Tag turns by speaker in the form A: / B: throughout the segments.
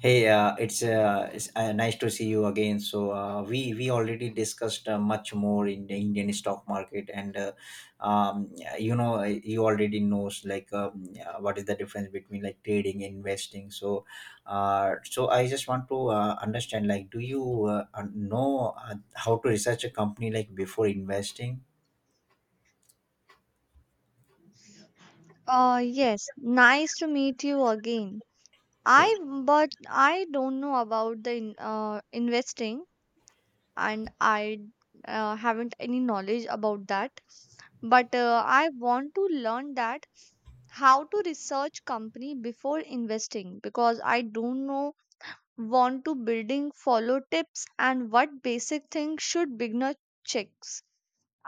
A: Hey, it's, nice to see you again. So we already discussed much more in the Indian stock market, and you already knows like what is the difference between like trading investing. So I just want to understand like do you know how to research a company like before investing?
B: Yes, nice to meet you again.
A: Hey.
B: I But I don't know about the in, investing and I haven't any knowledge about that. But I want to learn that how to research company before investing because I don't know want to building follow tips and what basic things should beginner checks.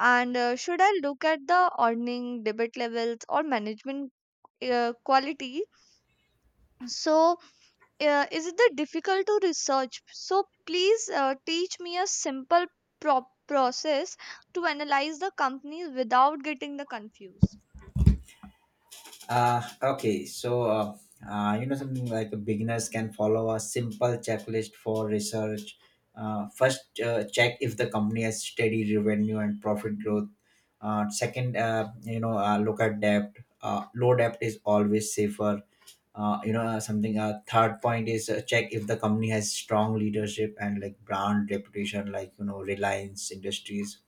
B: And should I look at the earning, debit levels, or management quality so is it the difficult to research so please teach me a simple process to analyze the companies without getting the confused.
A: Okay, so you know something like beginners can follow a simple checklist for research. First, check if the company has steady revenue and profit growth. Second, look at debt. Low debt is always safer. You know, something. Third point is check if the company has strong leadership and like brand reputation, like you know, Reliance Industries.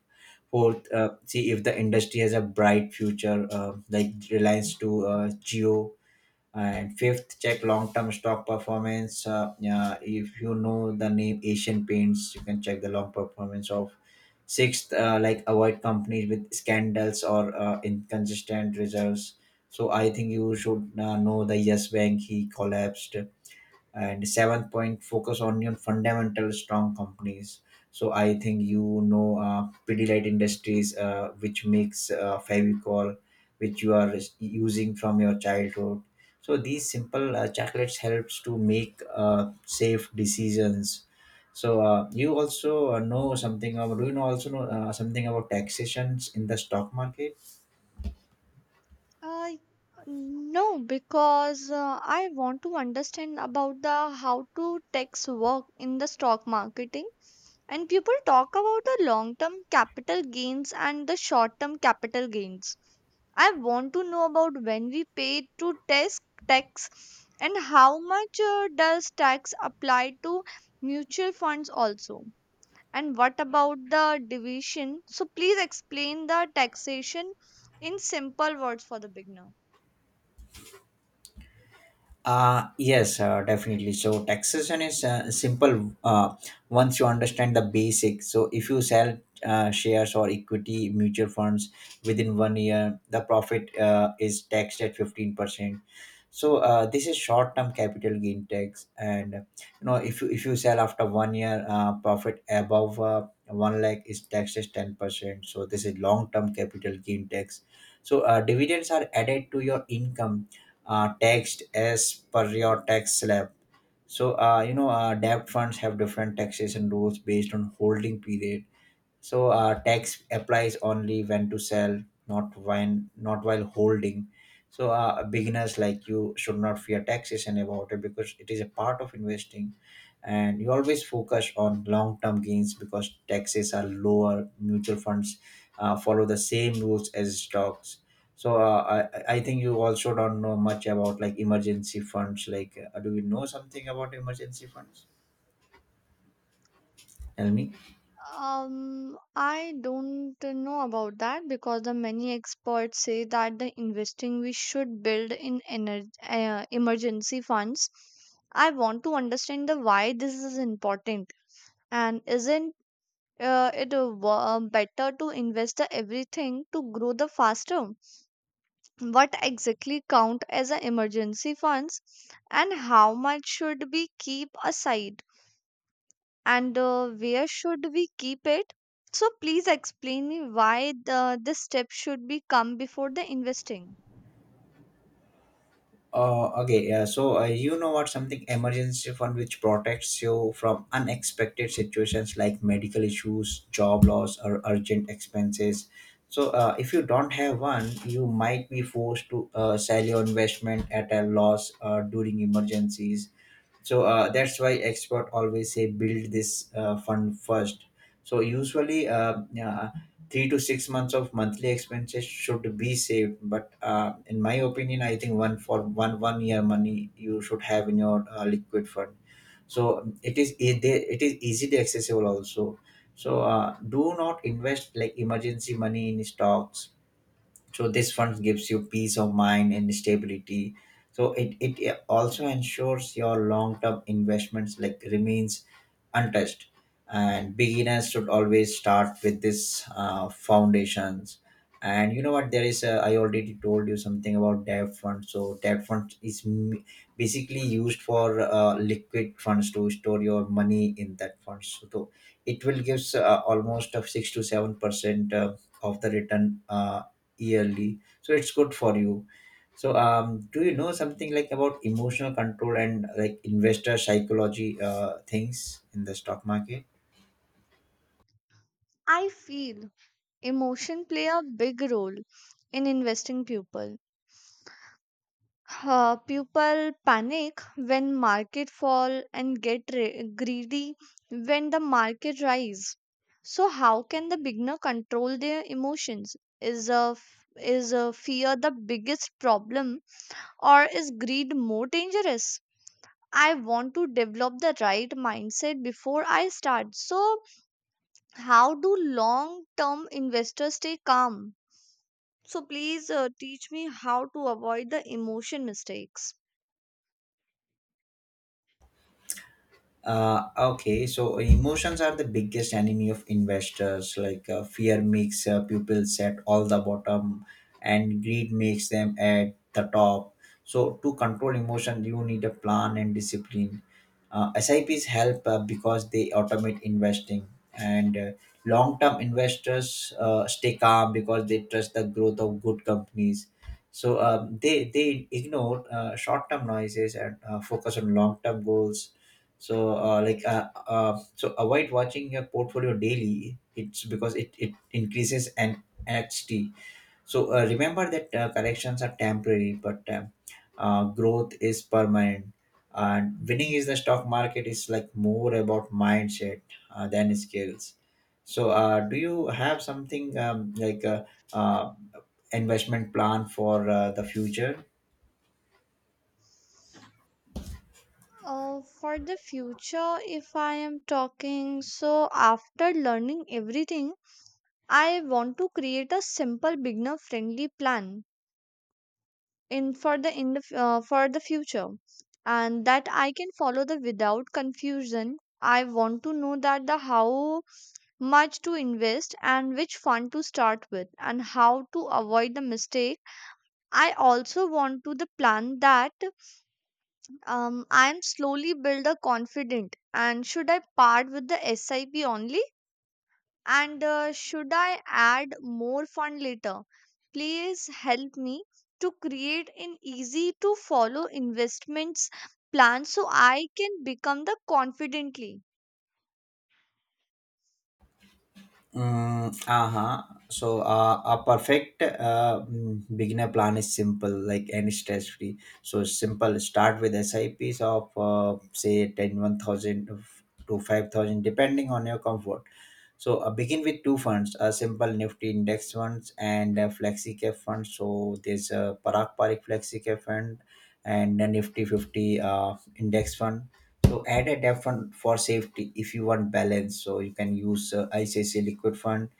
A: Fourth, see if the industry has a bright future, like Reliance to Geo. And fifth, check long-term stock performance. Yeah, if you know the name Asian Paints, you can check the long performance of. Sixth, like avoid companies with scandals or inconsistent results. So I think you should know the Yes Bank he collapsed. And seventh point, focus on your fundamental strong companies. So I think you know PD Light Industries, which makes Fevicol, which you are using from your childhood. So these simple chocolates helps to make safe decisions. So you also know something about, do you know, also know something about taxations in the stock market?
B: Uh, no, because I want to understand about the how to tax work in the stock marketing. And people talk about the long term capital gains and the short term capital gains. I want to know about when we pay to tax tax and how much does tax apply to mutual funds also. And what about the division? So please explain the taxation in simple words for the beginner.
A: Yes, definitely. So taxation is simple once you understand the basics. So if you sell shares or equity mutual funds within 1 year, the profit is taxed at 15%. So this is short-term capital gain tax, and you know if you sell after 1 year, profit above 1 lakh is taxed as 10%. So this is long-term capital gain tax. So dividends are added to your income, taxed as per your tax slab. So, debt funds have different taxation rules based on holding period. So tax applies only when to sell, not while holding. So beginners like you should not fear taxation about it because it is a part of investing, and you always focus on long-term gains because taxes are lower. Mutual funds follow the same rules as stocks. So I think you also don't know much about like emergency funds. Like, do you know something about emergency funds? Tell me.
B: I don't know about that because the many experts say that the investing we should build in energy, emergency funds. I want to understand the why this is important and isn't it better to invest the everything to grow the faster? What exactly count as a emergency funds and how much should we keep aside and where should we keep it so please explain me why this step should be come before the investing.
A: Okay, yeah. So you know what? Something emergency fund which protects you from unexpected situations like medical issues, job loss, or urgent expenses. So if you don't have one, you might be forced to sell your investment at a loss during emergencies. So that's why expert always say build this fund first. So usually 3 to 6 months of monthly expenses should be saved, but in my opinion I think one for one year money you should have in your liquid fund. So it is it is easily accessible also. So do not invest like emergency money in stocks. So this fund gives you peace of mind and stability. So it also ensures your long-term investments like remains untouched. And beginners should always start with this foundations. And you know what, there is a, I already told you something about debt fund. So debt fund is basically used for liquid funds to store your money in that fund. So it will gives almost of 6 to 7 percent of the return yearly, so it's good for you. So do you know something like about emotional control and like investor psychology things in the stock market?
B: I feel emotion play a big role in investing people. People panic when market fall and get greedy when the market rise. So how can the beginner control their emotions? Is a f- is a fear the biggest problem or is greed more dangerous? I want to develop the right mindset before I start. So how do long term investors stay calm? So please teach me how to avoid the emotion mistakes.
A: Okay, so emotions are the biggest enemy of investors. Like fear makes pupils at all the bottom, and greed makes them at the top. So to control emotion, you need a plan and discipline. SIPs help because they automate investing, and long-term investors stay calm because they trust the growth of good companies. So they ignore short-term noises and focus on long-term goals. So, so avoid watching your portfolio daily. It's because it increases an NXT. So remember that corrections are temporary, but growth is permanent. And winning is the stock market is like more about mindset than skills. So, do you have something like a uh, investment plan for the future?
B: For the future, if I am talking, so after learning everything, I want to create a simple beginner friendly plan in for the for the future and that I can follow the without confusion. I want to know that the how much to invest and which fund to start with and how to avoid the mistake. I also want to the plan that I'm slowly build a confident. And should I part with the SIP only? And should I add more fund later? Please help me to create an easy to follow investments plan so I can become the confidently.
A: Mm, uh-huh. So a perfect beginner plan is simple, like and stress free. So simple. Start with SIPs of say 1,000 to 5,000, depending on your comfort. So begin with two funds, a simple Nifty index funds and a flexi cap funds. So there's a Parak Parik flexi cap fund and a Nifty 50 index fund. So add a debt fund for safety if you want balance. So you can use ICICI Liquid Fund.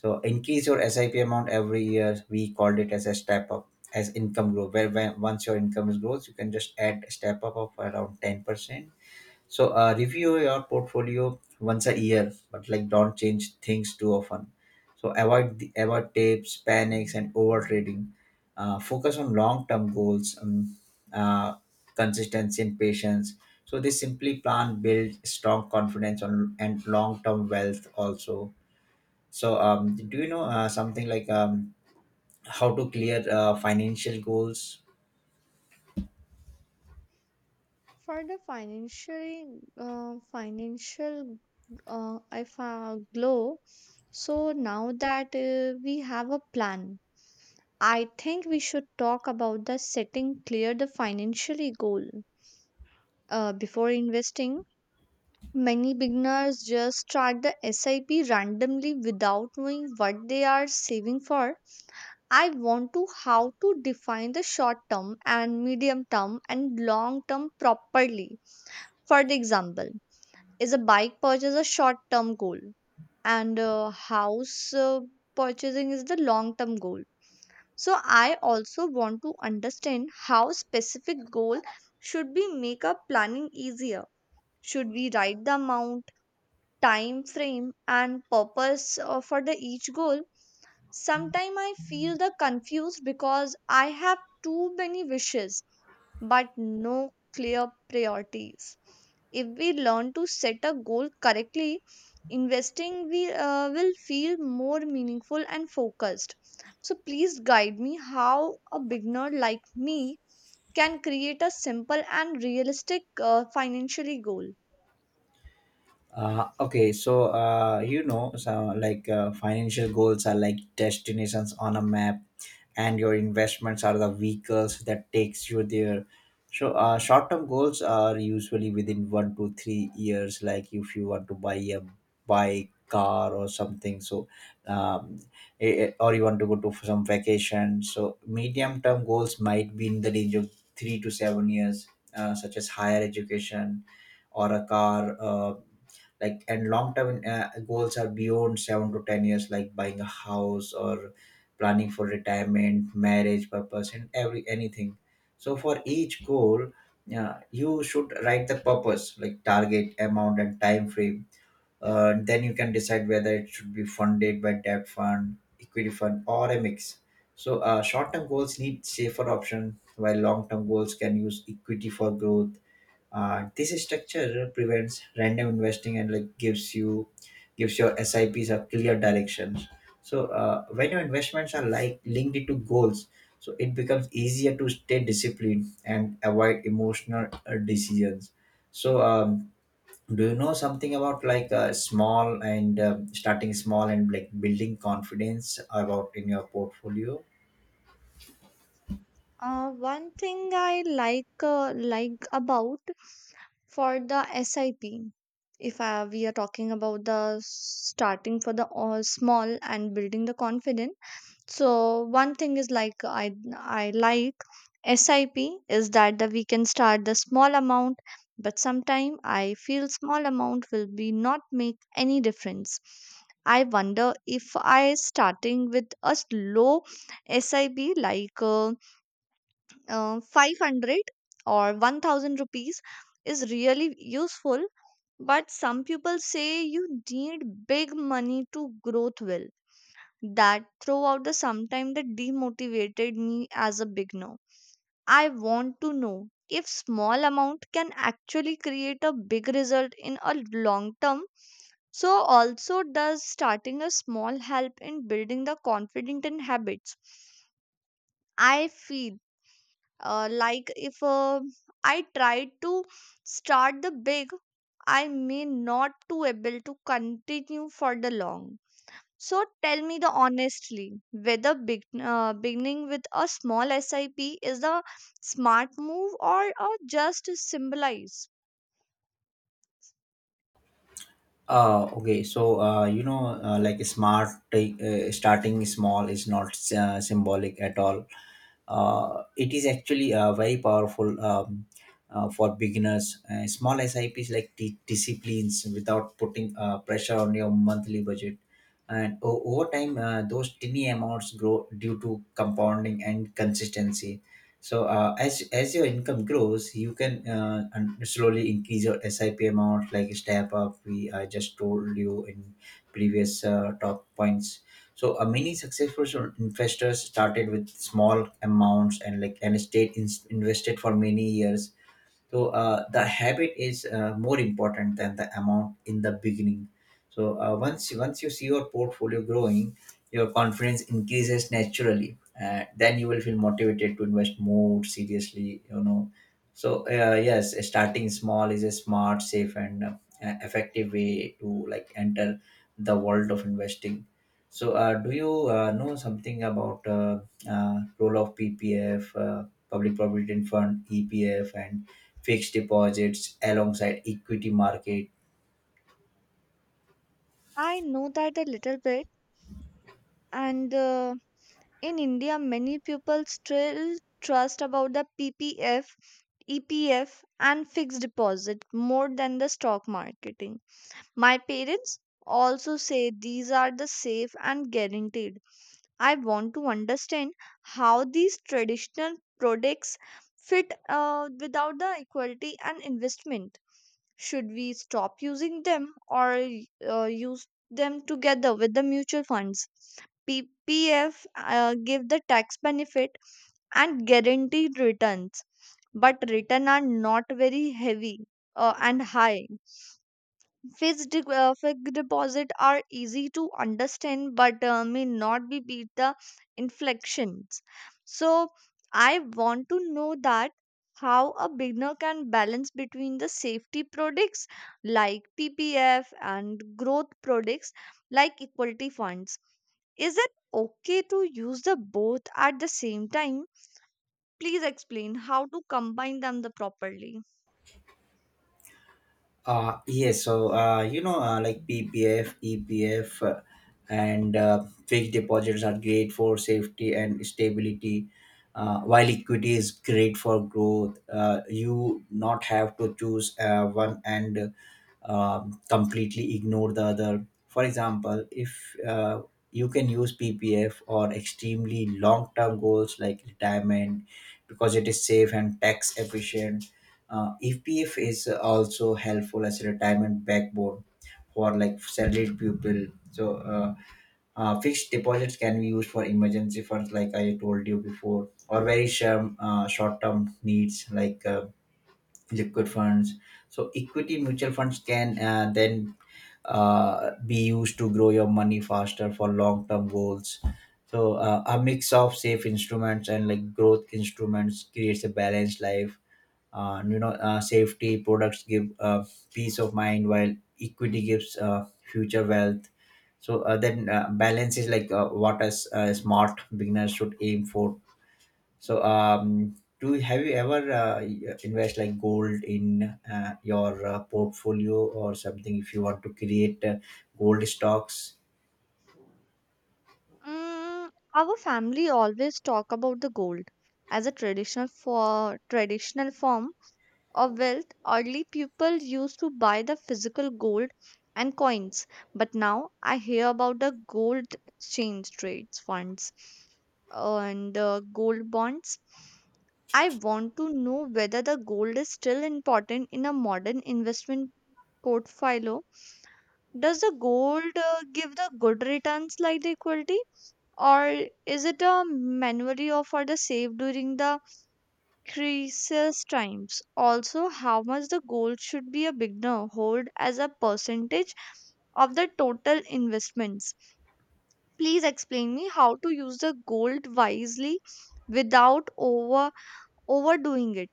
A: So increase your SIP amount every year. We called it as a step up as income growth. Where once your income is grows, you can just add a step up of around 10%. So review your portfolio once a year, but like don't change things too often. So avoid tapes, panics, and overtrading. Focus on long-term goals, uh, consistency, and patience. So they simply plan build strong confidence on and long-term wealth also. So do you know something like how to clear financial goals?
B: For the financially financial if, glow, so now that we have a plan, I think we should talk about the setting clear the financially goal. Before investing, many beginners just start the SIP randomly without knowing what they are saving for. I want to how to define the short term and medium term and long term properly. For the example, is a bike purchase a short term goal and a house purchasing is the long term goal. So I also want to understand how specific goal should be make up planning easier. Should we write the amount, time frame and purpose for the each goal? Sometimes I feel the confused because I have too many wishes but no clear priorities. If we learn to set a goal correctly, investing we will feel more meaningful and focused, so please guide me how a beginner like me can create a simple and realistic financially goal.
A: Okay, so so like financial goals are like destinations on a map, and your investments are the vehicles that takes you there. So short-term goals are usually within 1 to 3 years. Like if you want to buy a bike, car, or something. So um, or you want to go to some vacation. So medium-term goals might be in the range of 3 to 7 years, such as higher education or a car. Like and long term goals are beyond 7 to 10 years, like buying a house or planning for retirement, marriage purpose and every anything. So for each goal, you should write the purpose, like target amount and time frame. Then you can decide whether it should be funded by debt fund, equity fund, or a mix. So short-term goals need safer option while long-term goals can use equity for growth. This structure prevents random investing and like gives your SIPs a clear directions. So when your investments are like linked to goals, so it becomes easier to stay disciplined and avoid emotional decisions. So do you know something about like small and starting small and like building confidence about in your portfolio?
B: One thing I like about for the SIP, if we are talking about the starting for the all small and building the confident, so one thing is like I like SIP is that we can start the small amount, but sometime I feel small amount will be not make any difference. I wonder if I starting with a low SIP like, 500 or 1,000 rupees is really useful, but some people say you need big money to growth well. That throughout the sometime that demotivated me as a beginner. I want to know if small amount can actually create a big result in a long term. So also does starting a small help in building the confident in habits? I feel like if I try to start the big, I may not to able to continue for the long. So tell me the honestly whether beginning with a small SIP is a smart move or a just symbolize.
A: Okay, so like smart take, starting small is not symbolic at all. It is actually very powerful for beginners. Small SIPs like disciplines without putting pressure on your monthly budget, and over time, those tiny amounts grow due to compounding and consistency. So as your income grows, you can slowly increase your SIP amount, like step up. We I just told you in previous talk points. So many successful investors started with small amounts and and stayed invested for many years. So the habit is more important than the amount in the beginning. So once you see your portfolio growing, your confidence increases naturally. Then you will feel motivated to invest more seriously, you know. So yes, starting small is a smart, safe, and effective way to like enter the world of investing. So do you know something about role of PPF, public provident fund, EPF, and fixed deposits alongside equity market?
B: I know that a little bit, and in India, many people still trust about the PPF, EPF and fixed deposit more than the stock market. My parents also say these are the safe and guaranteed. I want to understand how these traditional products fit without the equality and investment. Should we stop using them or use them together with the mutual funds? PPF give the tax benefit and guaranteed returns, but return are not very heavy and high. Fixed deposit are easy to understand but may not be beat the inflections. So I want to know that how a beginner can balance between the safety products like PPF and growth products like equity funds. Is it okay to use the both at the same time? Please explain how to combine them the properly.
A: Yes, so like PPF, EPF, and fixed deposits are great for safety and stability, while equity is great for growth. You not have to choose one and completely ignore the other. For example, if you can use PPF or extremely long-term goals like retirement because it is safe and tax efficient. EPF is also helpful as a retirement backbone for like salaried people. So fixed deposits can be used for emergency funds, like I told you before, or very short term needs like liquid funds. So equity mutual funds can then be used to grow your money faster for long term goals. So a mix of safe instruments and like growth instruments creates a balanced life. Safety products give peace of mind while equity gives future wealth. So then balance is like what a smart beginner should aim for. So have you ever invest like gold in your portfolio or something if you want to create gold stocks?
B: Mm, our family always talk about the gold as a traditional for traditional form of wealth. Early people used to buy the physical gold and coins, but now I hear about the gold exchange trades funds and gold bonds. I want to know whether the gold is still important in a modern investment portfolio. Does the gold give the good returns like the equity, or is it a memory of for the save during the crisis times? Also how much the gold should be a beginner hold as a percentage of the total investments? Please explain me how to use the gold wisely without overdoing it.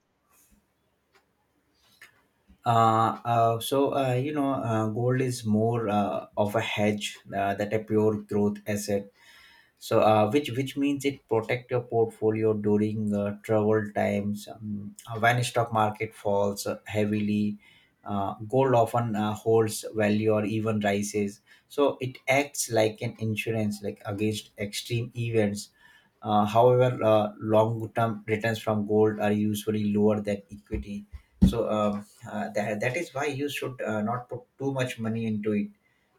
A: So gold is more of a hedge that a pure growth asset. So which means it protect your portfolio during troubled times, when stock market falls heavily. Gold often holds value or even rises. So it acts like an insurance, like against extreme events. However, long term returns from gold are usually lower than equity. so um, that is why you should not put too much money into it.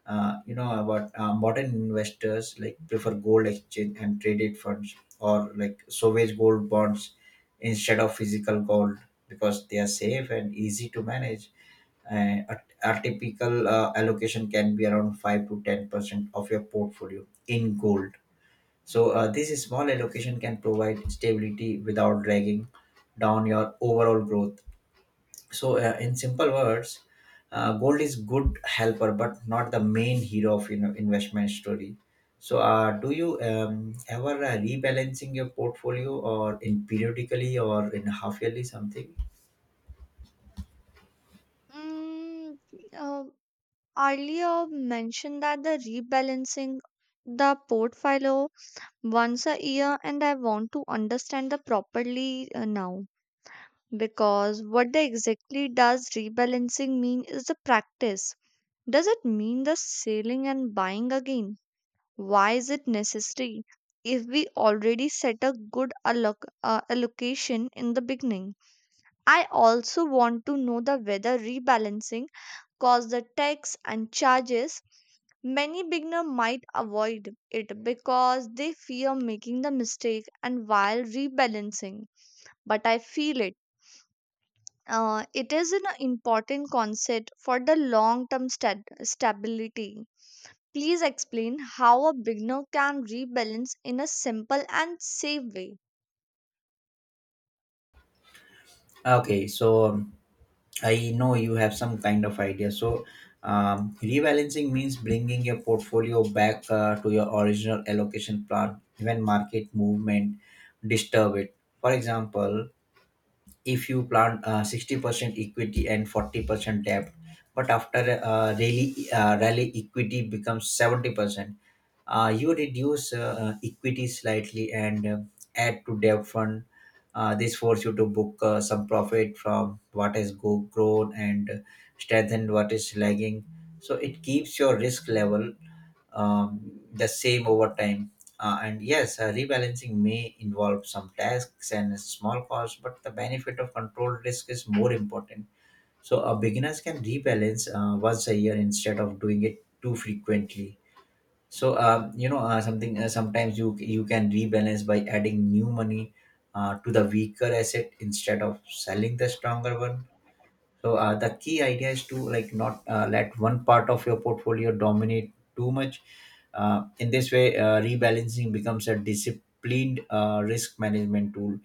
A: About modern investors, like prefer gold exchange and traded funds or like savage gold bonds instead of physical gold, because they are safe and easy to manage. And a typical allocation can be around 5 to 10% of your portfolio in gold. So this small allocation can provide stability without dragging down your overall growth. So in simple words, gold is good helper but not the main hero of, you know, investment story. So do you ever rebalancing your portfolio or in periodically or in half yearly something?
B: Mm, uh, earlier mentioned that the rebalancing the portfolio once a year and I want to understand the properly now. Because what the exactly does rebalancing mean is the practice. Does it mean the selling and buying again? Why is it necessary if we already set a good allocation in the beginning? I also want to know the whether rebalancing cause the tax and charges. Many beginner might avoid it because they fear making the mistake and while rebalancing, but I feel it is an important concept for the long term stability. Please explain how a beginner can rebalance in a simple and safe way.
A: Okay, so I know you have some kind of idea. So rebalancing means bringing your portfolio back to your original allocation plan when market movement disturb it. For example, if you plan 60% equity and 40% debt, but after rally equity becomes 70%, you reduce equity slightly and add to debt fund. This force you to book some profit from what has go grown and strengthen what is lagging. So it keeps your risk level um, the same over time. And yes, rebalancing may involve some tasks and small costs, but the benefit of controlled risk is more important. So, beginners can rebalance once a year instead of doing it too frequently. So, you know, something sometimes you can rebalance by adding new money to the weaker asset instead of selling the stronger one. So the key idea is to like not let one part of your portfolio dominate too much. In this way, rebalancing becomes a disciplined risk management tool.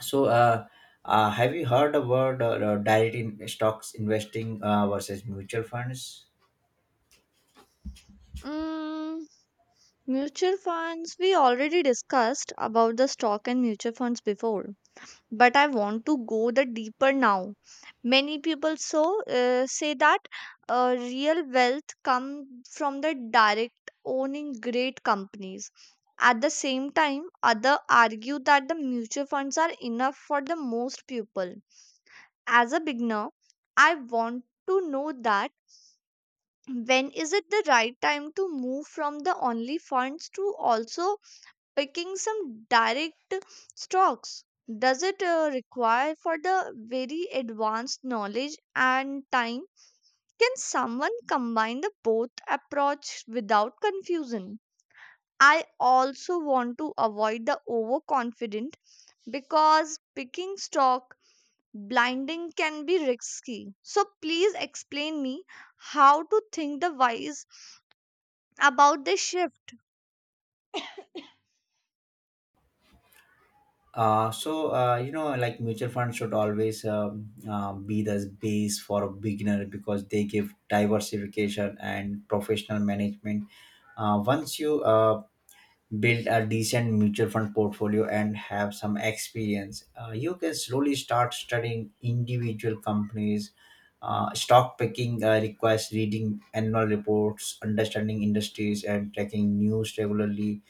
A: So, have you heard about direct in stocks investing versus mutual funds?
B: Mm, mutual funds, we already discussed about the stock and mutual funds before. But I want to go the deeper now. Many people say that real wealth come from the direct owning great companies. At the same time other argue that the mutual funds are enough for the most people. As a beginner, I want to know that when is it the right time to move from the only funds to also picking some direct strokes. Does it require for the very advanced knowledge and time? Can someone combine the both approach without confusion? I also want to avoid the overconfident because picking stock blinding can be risky. So please explain me how to think the wise about this shift.
A: So like mutual funds should always be the base for a beginner because they give diversification and professional management. Once you build a decent mutual fund portfolio and have some experience, you can slowly start studying individual companies. Stock picking requires reading annual reports, understanding industries, and tracking news regularly.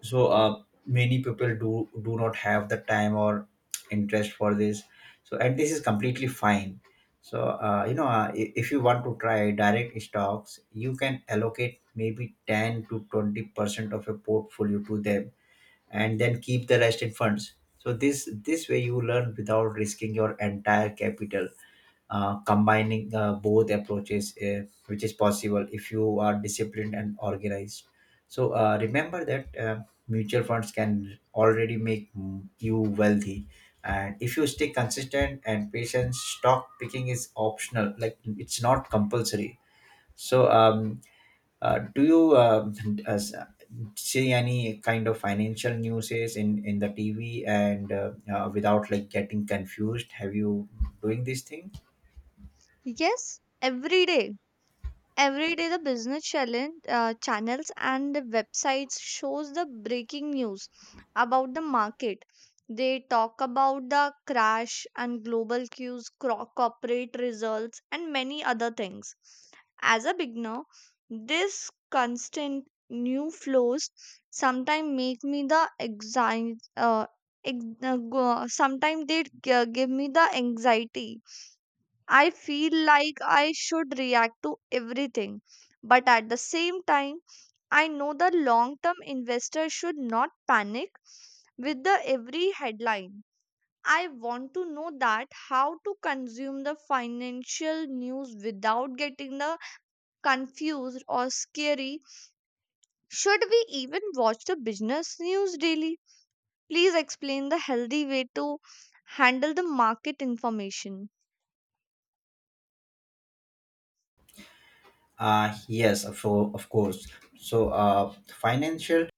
A: So many people do not have the time or interest for this, so, and this is completely fine. So if you want to try direct stocks, you can allocate maybe 10 to 20% of your portfolio to them and then keep the rest in funds. So this way you learn without risking your entire capital. Combining both approaches, which is possible if you are disciplined and organized. So remember that mutual funds can already make, you wealthy, and if you stay consistent and patient, stock picking is optional, like it's not compulsory. So do you as- see any kind of financial news in the tv and without like getting confused, have you doing this thing?
B: Yes, every day. Every day the business challenge, channels and the websites shows the breaking news about the market. They talk about the crash and global cues, corporate results and many other things. As a beginner, this constant new flows sometimes make me the anxiety sometimes they give me the anxiety. I feel like I should react to everything. But at the same time, I know the long term investor should not panic with the every headline. I want to know that how to consume the financial news without getting the confused or scary. Should we even watch the business news daily? Please explain the healthy way to handle the market information.
A: Yes, of course. So, uh, financial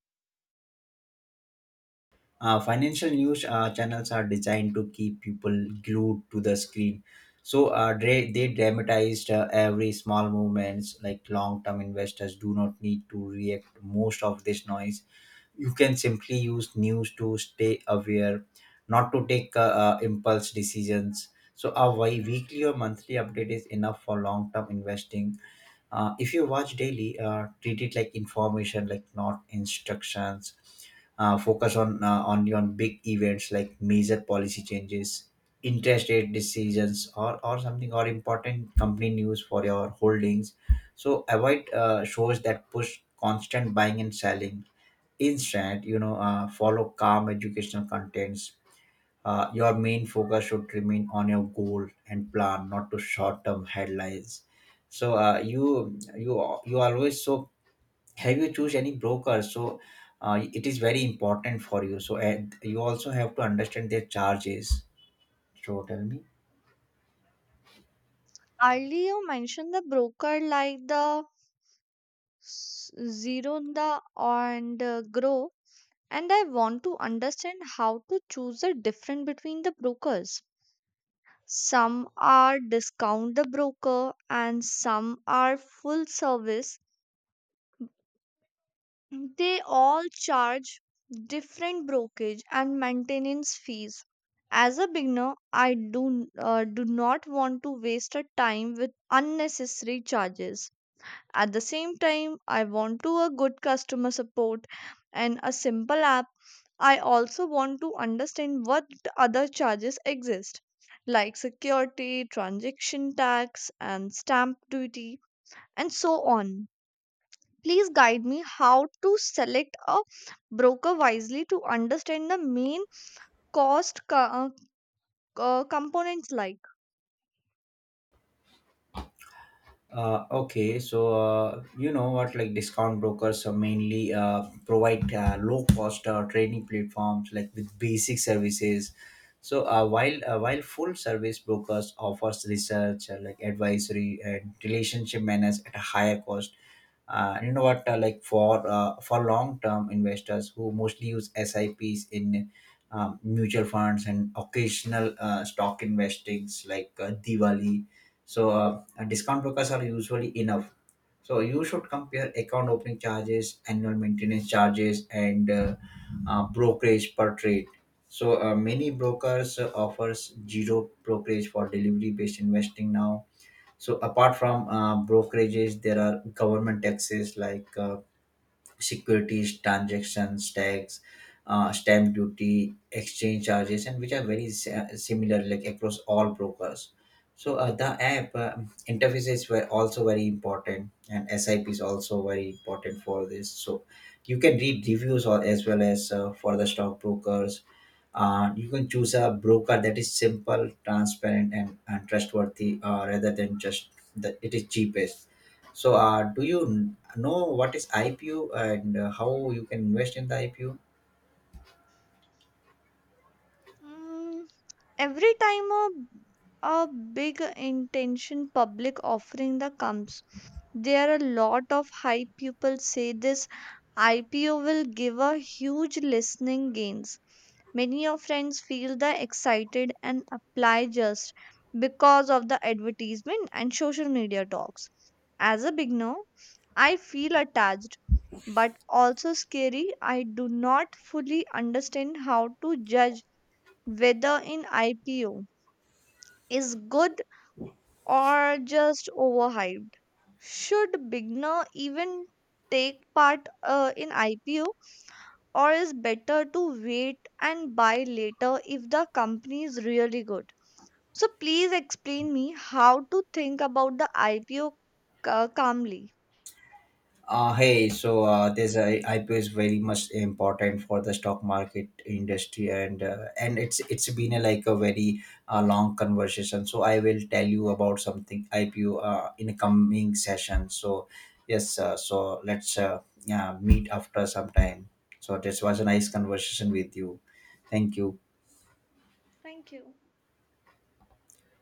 A: uh, financial news channels are designed to keep people glued to the screen. So, they dramatized every small movements. Like long term investors do not need to react to most of this noise. You can simply use news to stay aware, not to take impulse decisions. So, a weekly or monthly update is enough for long term investing. If you watch daily, treat it like information, like not instructions. Focus on only on big events like major policy changes, interest rate decisions, or something, or important company news for your holdings. So avoid shows that push constant buying and selling. Instead, you know, follow calm educational contents. Your main focus should remain on your goal and plan, not to short-term headlines. So you always, so, have you choose any broker? So it is very important for you. So and you also have to understand their charges. So tell me.
B: Earlier you mentioned the broker like the s- Zerunda and Grow, and I want to understand how to choose the difference between the brokers. Some are discount the broker and some are full service. They all charge different brokerage and maintenance fees. As a beginner, I do not want to waste a time with unnecessary charges. At the same time, I want to a good customer support and a simple app. I also want to understand what other charges exist like security, transaction tax and stamp duty and so on. Please guide me how to select a broker wisely to understand the main cost components like.
A: Okay, so like discount brokers are mainly provide low cost trading platforms like with basic services. So while full service brokers offers research, like advisory and relationship manners at a higher cost. Like for long term investors who mostly use S I Ps in mutual funds and occasional stock investings like Diwali. So discount brokers are usually enough. So you should compare account opening charges, annual maintenance charges, and brokerage per trade. So many brokers offers zero brokerage for delivery based investing now. So apart from brokerages, there are government taxes like securities transactions tax, stamp duty, exchange charges, and which are very similar like across all brokers. So the app interfaces were also very important, and sip is also very important for this. So you can read reviews, or as well as for the stock brokers, you can choose a broker that is simple, transparent, and trustworthy, rather than just the it is cheapest. So do you know what is IPO and how you can invest in the IPO?
B: Mm, every time a a big intention public offering that comes, there are a lot of hype. People say this IPO will give a huge listening gains. Many of friends feel the excited and apply just because of the advertisement and social media talks. As a beginner, I feel attached but also scary. I do not fully understand how to judge whether an IPO is good or just overhyped. Should beginner even take part in IPO or is better to wait and buy later if the company is really good? So please explain me how to think about the IPO calmly.
A: Hey, so this IPO is very much important for the stock market industry, and it's been like a very long conversation. So I will tell you about something IPO in a coming session. So yes, so let's yeah, meet after some time. So this was a nice conversation with you. Thank you.
B: Thank you.